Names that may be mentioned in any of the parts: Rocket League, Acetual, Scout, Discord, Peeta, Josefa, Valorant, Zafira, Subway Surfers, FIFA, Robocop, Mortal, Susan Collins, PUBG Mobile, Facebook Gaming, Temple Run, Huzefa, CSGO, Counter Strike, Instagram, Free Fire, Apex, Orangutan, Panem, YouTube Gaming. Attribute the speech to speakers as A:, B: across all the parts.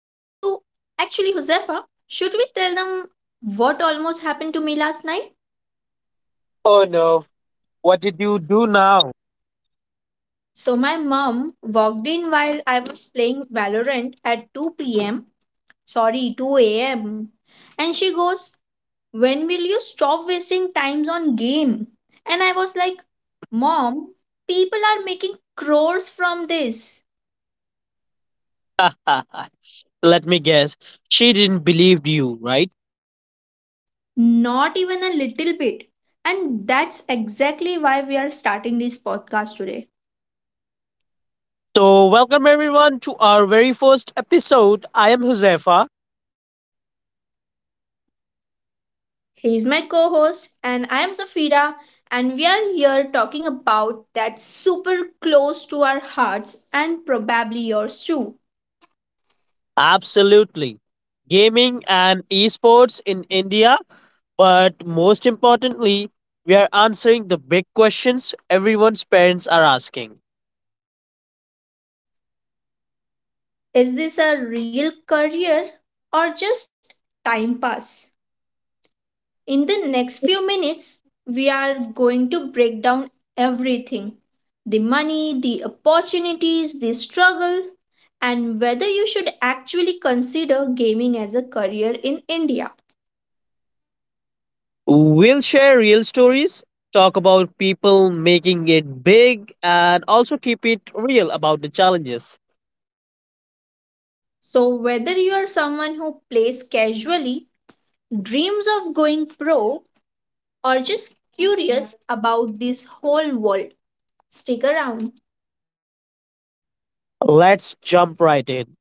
A: actually Josefa. Should we tell them what almost happened to me last night?
B: Oh no. What did you do now?
A: So, my mom walked in while I was playing Valorant at 2 pm. Sorry, 2 am. And she goes, "When will you stop wasting times on game?" And I was like, "Mom, people are making crores from this."
B: Let me guess. She didn't believe you, right?
A: Not even a little bit. And that's exactly why we are starting this podcast today.
B: So, welcome everyone to our very first episode. I am Josefa.
A: He is my co host, and I am Zafira, and we are here talking about that super close to our hearts and probably yours too.
B: Absolutely. Gaming and esports in India. But most importantly, we are answering the big questions everyone's parents are asking.
A: Is this a real career or just time pass? In the next few minutes, we are going to break down everything: the money, the opportunities, the struggle, and whether you should actually consider gaming as a career in India.
B: We'll share real stories, talk about people making it big, and also keep it real about the challenges.
A: So, whether you are someone who plays casually, dreams of going pro, or just curious about this whole world, stick around.
B: Let's jump right in.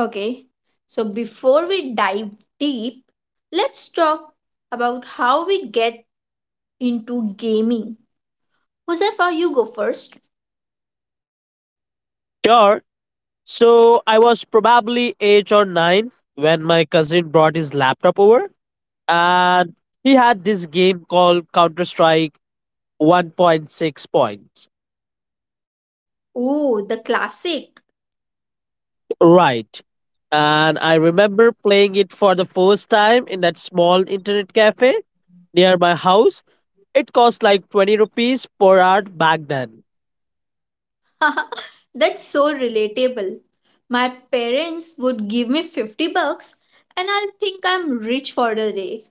A: Okay, so before we dive deep, let's talk about how we get into gaming. Josefa, you go first.
B: Sure. So I was probably eight or nine when my cousin brought his laptop over, and he had this game called Counter Strike 1.6 points.
A: Oh, the classic.
B: Right. And I remember playing it for the first time in that small internet cafe near my house. It cost like 20 rupees per hour back then.
A: That's so relatable. My parents would give me 50 bucks and I'll think I'm rich for the day.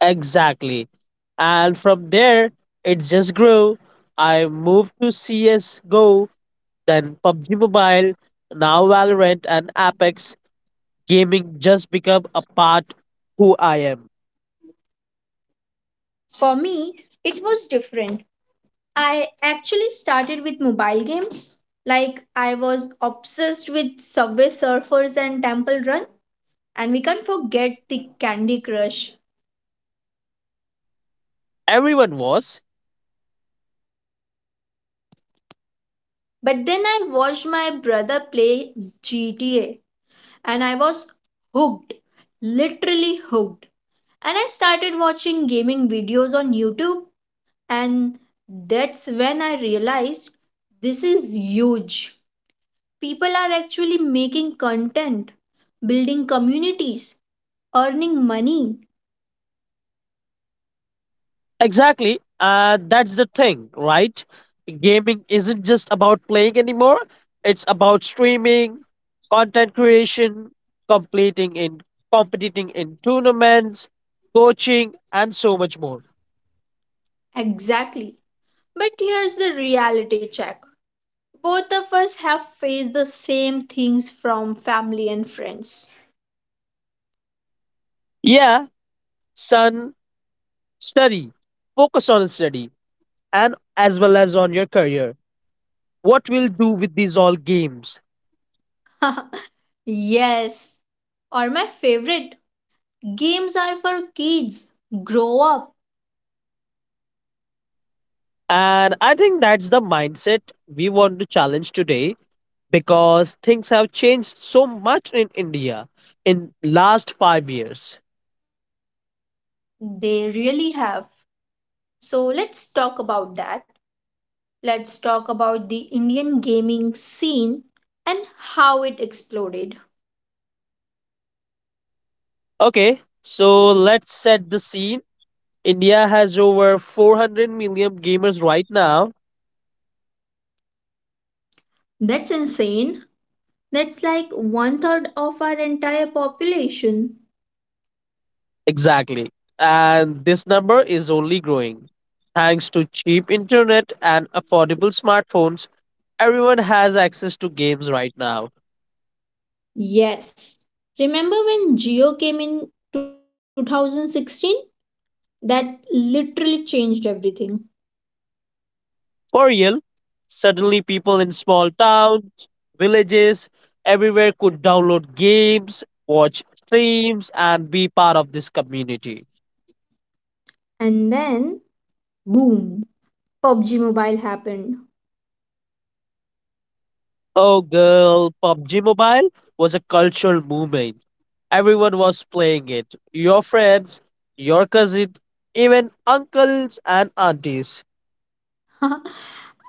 B: Exactly. And from there, it just grew. I moved to CSGO, then PUBG Mobile, now Valorant and Apex. Gaming just become a part who I am.
A: For me, it was different. I actually started with mobile games. Like, I was obsessed with Subway Surfers and Temple Run, and we can't forget the Candy Crush.
B: Everyone was.
A: But then I watched my brother play GTA, and I was hooked, literally hooked. And I started watching gaming videos on YouTube, and that's when I realized this is huge. People are actually making content, building communities, earning money.
B: Exactly. And that's the thing, right? Gaming isn't just about playing anymore. It's about streaming, content creation, completing in competing in tournaments, coaching, and so much more.
A: Exactly. But here's the reality check: both of us have faced the same things from family and friends.
B: Yeah, son, study, focus on study and as well as on your career. What we'll do with these all games?
A: Yes. Or my favorite, games are for kids. Grow up.
B: And I think that's the mindset we want to challenge today, because things have changed so much in India in last 5 years.
A: They really have. So let's talk about that. Let's talk about the Indian gaming scene and how it exploded.
B: Okay, so let's set the scene. India has over 400 million gamers right now.
A: That's insane. That's like one third of our entire population.
B: Exactly. And this number is only growing. Thanks to cheap internet and affordable smartphones, everyone has access to games right now.
A: Yes. Remember when Geo came in 2016? That literally changed everything.
B: For real, suddenly people in small towns, villages, everywhere could download games, watch streams, and be part of this community.
A: And then, boom, PUBG Mobile happened.
B: Oh, girl, PUBG Mobile was a cultural movement. Everyone was playing it. Your friends, your cousin, even uncles and aunties.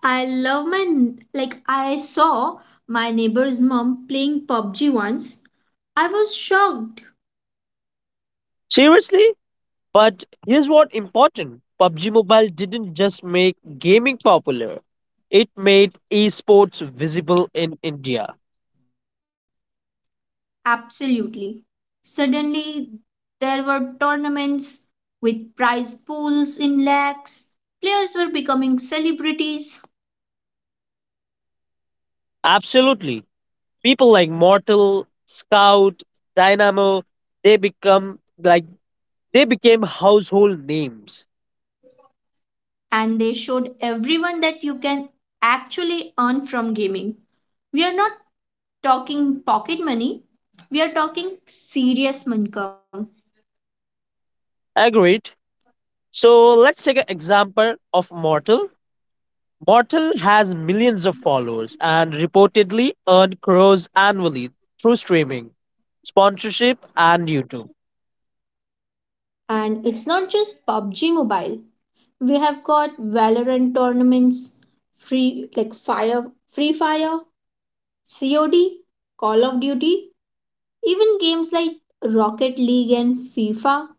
A: I love my, like, I saw my neighbor's mom playing PUBG once. I was shocked.
B: Seriously? But here's what important. PUBG Mobile didn't just make gaming popular. It made esports visible in India.
A: Absolutely. Suddenly, there were tournaments with prize pools in lakhs. Players were becoming celebrities,
B: Absolutely. People like Mortal, Scout, Dynamo, they become like they became household names.
A: and they showed everyone that you can actually earn from gaming. We are not talking pocket money, we are talking serious income.
B: Agreed? So let's take an example of Mortal. Mortal has millions of followers and reportedly earned crores annually through streaming, sponsorship, and YouTube.
A: And it's not just PUBG Mobile. We have got Valorant tournaments, free like fire, free fire, COD, Call of Duty, even games like Rocket League and FIFA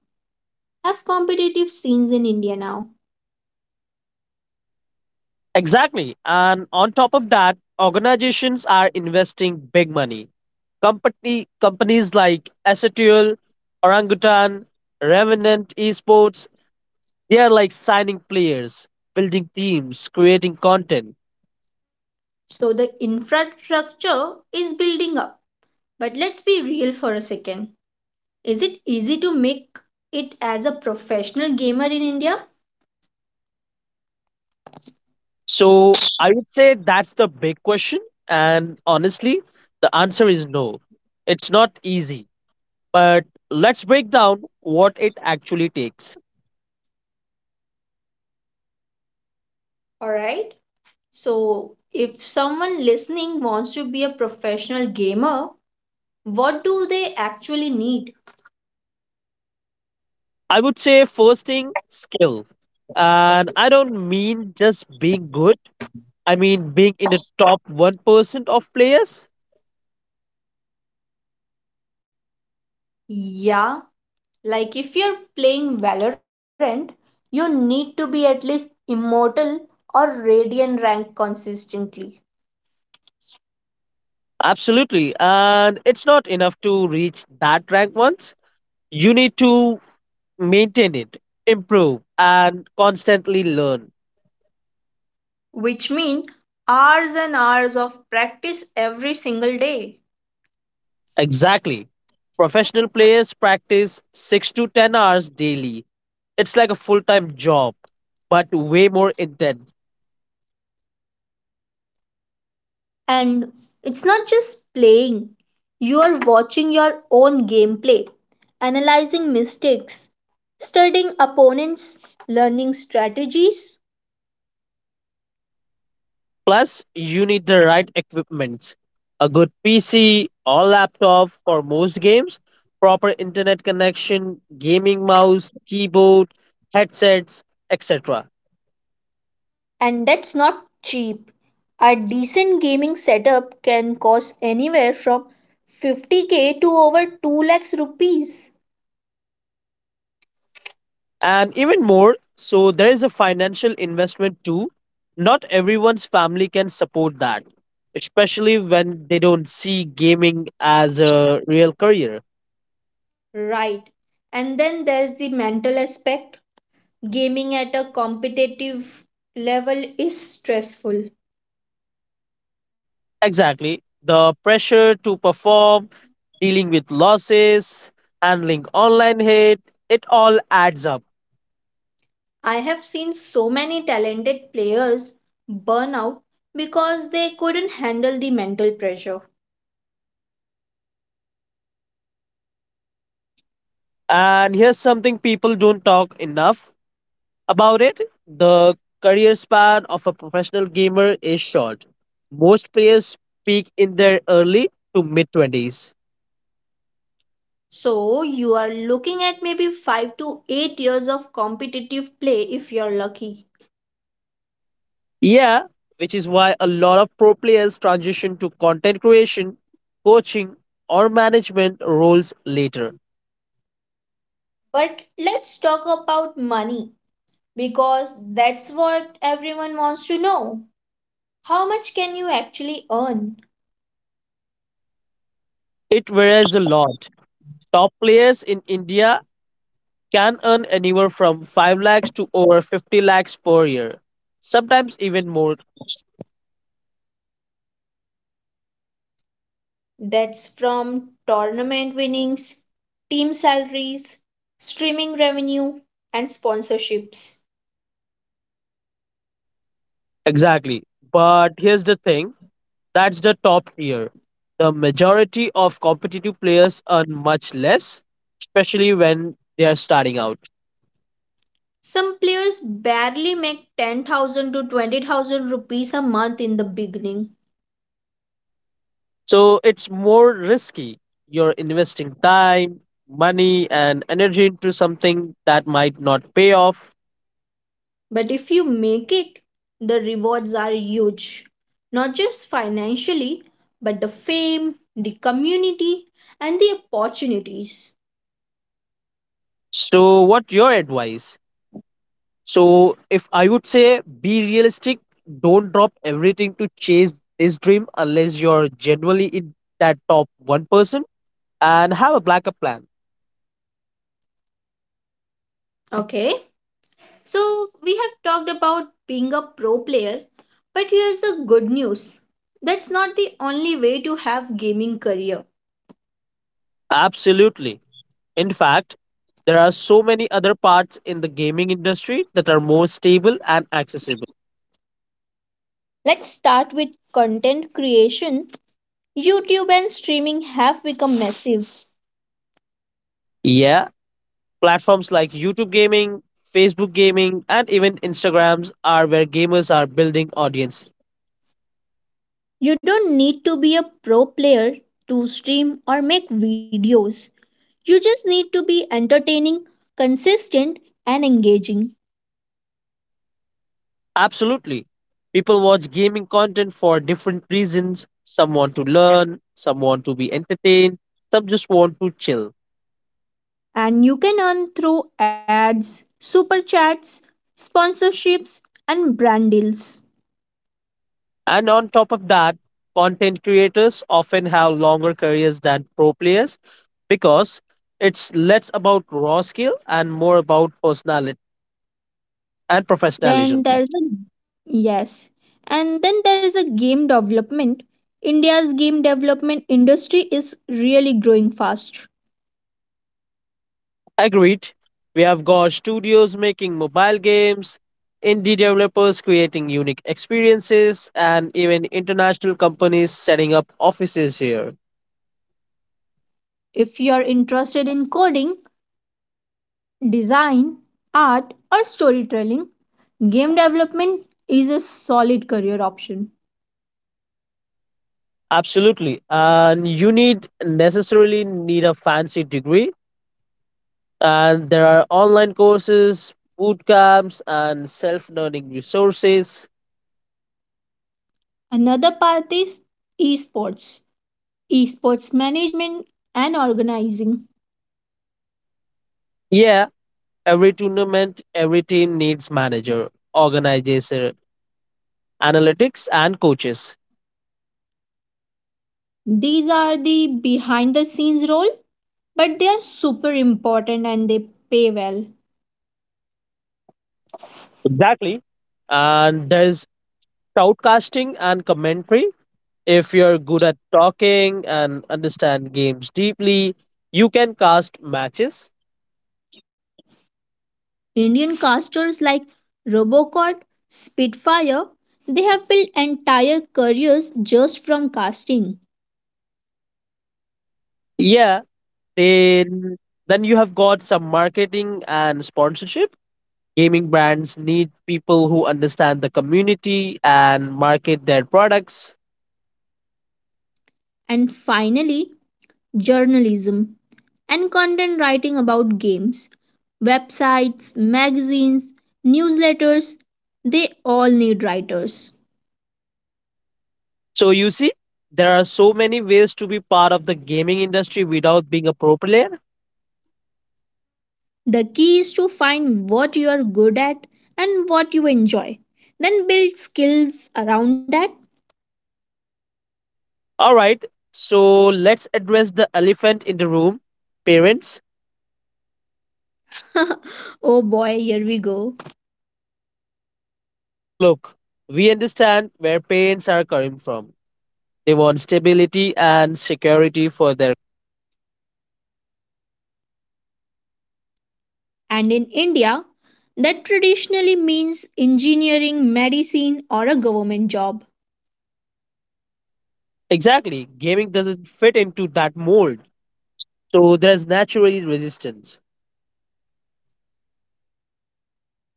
A: have competitive scenes in India now.
B: Exactly. And on top of that, organizations are investing big money. Companies like Acetual, Orangutan, Revenant Esports, they are like signing players, building teams, creating content.
A: So the infrastructure is building up. But let's be real for a second. Is it easy to make it as a professional gamer in India?
B: So I would say that's the big question. And honestly, the answer is no. It's not easy. But let's break down what it actually takes.
A: Alright. So if someone listening wants to be a professional gamer, what do they actually need?
B: I would say, first thing, skill. And I don't mean just being good, I mean being in the top 1% of players.
A: Yeah, like if you're playing Valorant, you need to be at least immortal or radiant rank consistently,
B: Absolutely. And it's not enough to reach that rank once. You need to maintain it, improve, and constantly learn.
A: which means hours and hours of practice every single day.
B: Exactly. Professional players practice 6 to 10 hours daily. It's like a full time job, but way more intense.
A: And it's not just playing, you are watching your own gameplay, analyzing mistakes, studying opponents, learning strategies.
B: Plus, you need the right equipment, a good PC or laptop for most games, proper internet connection, gaming mouse, keyboard, headsets, etc.
A: And that's not cheap. A decent gaming setup can cost anywhere from 50k to over 2 lakhs rupees.
B: And even more, so there is a financial investment too. Not everyone's family can support that, especially when they don't see gaming as a real career.
A: Right. And then there's the mental aspect. Gaming at a competitive level is stressful.
B: Exactly. The pressure to perform, dealing with losses, handling online hate, it all adds up.
A: I have seen so many talented players burn out because they couldn't handle the mental pressure.
B: And here's something people don't talk enough about it, the career span of a professional gamer is short. Most players peak in their early to mid 20s.
A: So, you are looking at maybe 5 to 8 years of competitive play if you're lucky.
B: Yeah, which is why a lot of pro players transition to content creation, coaching, or management roles later.
A: But let's talk about money because that's what everyone wants to know. How much can you actually earn?
B: It varies a lot. Top players in India can earn anywhere from 5 lakhs to over 50 lakhs per year, sometimes even more.
A: That's from tournament winnings, team salaries, streaming revenue, and sponsorships.
B: Exactly. But here's the thing, that's the top tier. The majority of competitive players earn much less, especially when they are starting out.
A: Some players barely make 10,000 to 20,000 rupees a month in the beginning.
B: So it's more risky. You're investing time, money, and energy into something that might not pay off.
A: But if you make it, the rewards are huge. Not just financially, but the fame, the community, and the opportunities.
B: So, what's your advice? So, if I would say be realistic, don't drop everything to chase this dream unless you're genuinely in that top 1%, and have a backup plan.
A: Okay? So, we have talked about being a pro player, but here's the good news. That's not the only way to have gaming career.
B: Absolutely. In fact, there are so many other parts in the gaming industry that are more stable and accessible.
A: Let's start with content creation. YouTube and streaming have become massive.
B: Yeah, platforms like YouTube Gaming, Facebook Gaming, and even Instagrams are where gamers are building audience.
A: You don't need to be a pro player to stream or make videos. You just need to be entertaining, consistent, and engaging.
B: Absolutely. People watch gaming content for different reasons. Some want to learn, some want to be entertained, some just want to chill.
A: And you can earn through ads, super chats, sponsorships, and brand deals.
B: And on top of that, content creators often have longer careers than pro players because it's less about raw skill and more about personality and
A: Then
B: professionalism.
A: there's a yes, and then there's a game development. India's game development industry is really growing fast.
B: Agreed. We have got studios making mobile games, indie developers creating unique experiences, and even international companies setting up offices here.
A: If you're interested in coding, design, art, or storytelling, game development is a solid career option.
B: Absolutely. And you need necessarily need a fancy degree. And there are online courses, boot camps, and self learning resources.
A: Another path is esports, esports management and organizing.
B: Yeah, every tournament, every team needs manager, organizer, analytics, and coaches.
A: These are the behind the scenes role, but they are super important and they pay well.
B: Exactly. And there's shoutcasting and commentary. If you're good at talking and understand games deeply, you can cast matches.
A: Indian casters like Robocop, Spitfire, they have built entire careers just from casting.
B: Yeah, then then you have got some marketing and sponsorship. Gaming brands need people who understand the community and market their products.
A: And finally, journalism, and content writing about games. Websites, magazines, newsletters, they all need writers.
B: So you see, there are so many ways to be part of the gaming industry without being a pro player.
A: The key is to find what you are good at and what you enjoy, then build skills around that.
B: All right, so let's address the elephant in the room, parents.
A: Oh boy, here we go.
B: Look, we understand where parents are coming from. They want stability and security for their.
A: And in India, that traditionally means engineering, medicine, or a government job.
B: Exactly, gaming doesn't fit into that mold. So there's naturally resistance.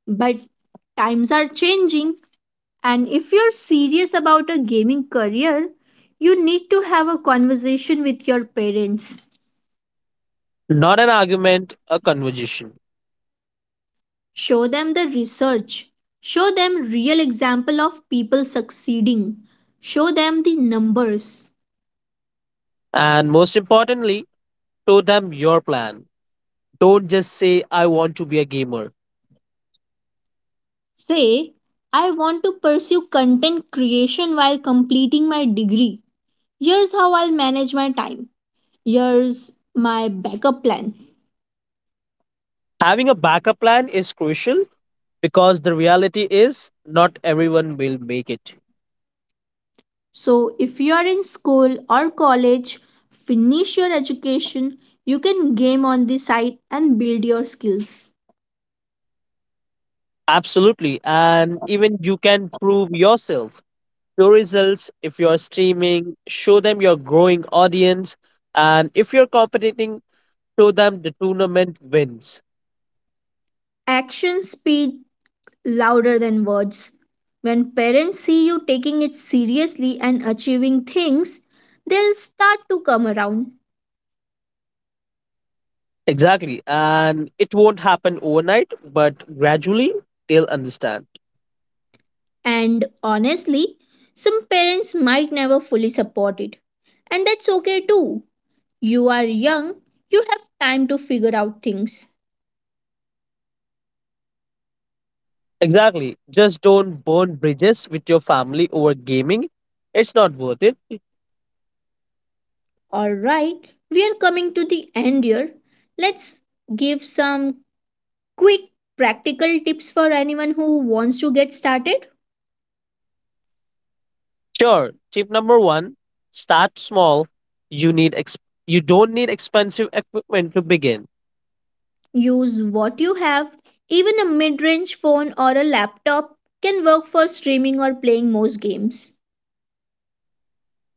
A: But times are changing. And if you're serious about a gaming career, you need to have a conversation with your parents.
B: Not an argument, a conversation.
A: Show them the research. Show them real example of people succeeding. Show them the numbers.
B: And most importantly, show them your plan. Don't just say, I want to be a gamer.
A: Say, "I want to pursue content creation while completing my degree. Here's how I'll manage my time. Here's my backup plan."
B: Having a backup plan is crucial because the reality is not everyone will make it.
A: So, if you are in school or college, finish your education, you can game on the side and build your skills.
B: Absolutely. And even you can prove yourself. Your results, if you're streaming, show them your growing audience. And if you're competing, show them the tournament wins.
A: Actions speak louder than words. When parents see you taking it seriously and achieving things, they'll start to come around.
B: Exactly. And it won't happen overnight, but gradually they'll understand.
A: And honestly, some parents might never fully support it. And that's okay too. You are young, you have time to figure out things.
B: Exactly. Just don't burn bridges with your family over gaming. It's not worth it.
A: Alright, we are coming to the end here. Let's give some quick practical tips for anyone who wants to get started.
B: Sure. Tip number one, start small. You need ex- you don't need expensive equipment to begin.
A: Use what you have. Even a mid range phone or a laptop can work for streaming or playing most games.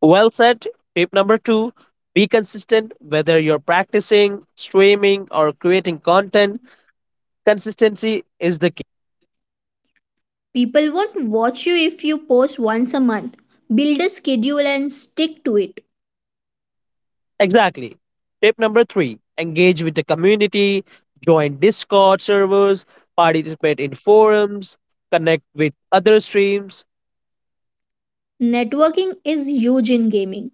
B: Well said. Tip number two, be consistent whether you're practicing, streaming, or creating content. Consistency is the
A: People won't watch you if you post once a month. Build a schedule and stick to it.
B: exactly. Tip number three, engage with the community, join Discord servers, participate in forums, connect with other streams.
A: Networking is huge in gaming.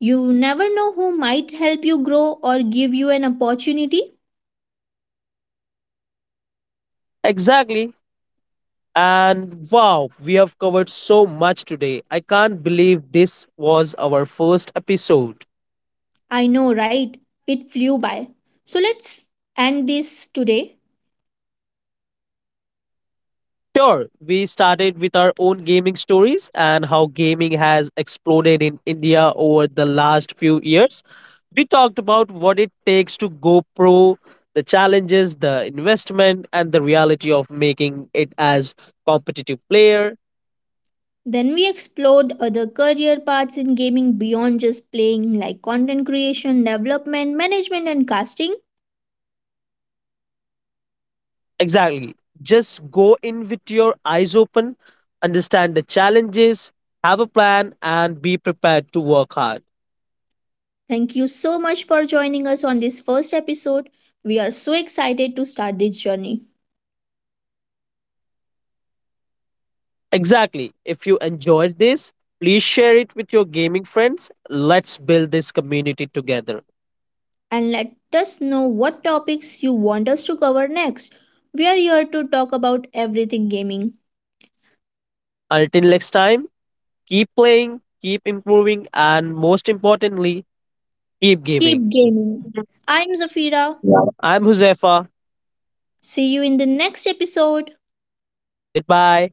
A: You never know who might help you grow or give you an opportunity.
B: Exactly. And wow, we have covered so much today. I can't believe this was our first episode.
A: I know, right? It flew by. So let's end this today.
B: Sure, we started with our own gaming stories and how gaming has exploded in India over the last few years. We talked about what it takes to go pro, the challenges, the investment, and the reality of making it as competitive player.
A: Then we explored other career paths in gaming beyond just playing, like content creation, development, management, and casting.
B: Exactly. Just go in with your eyes open, understand the challenges, have a plan, and be prepared to work hard.
A: Thank you so much for joining us on this first episode. We are so excited to start this journey.
B: Exactly. If you enjoyed this, please share it with your gaming friends. Let's build this community together.
A: And let us know what topics you want us to cover next. We are here to talk about everything gaming.
B: Until next time, keep playing, keep improving, and most importantly, keep
A: Keep
B: gaming.
A: gaming. I'm Zafira.
B: I'm Huzefa.
A: See you in the next episode.
B: Goodbye.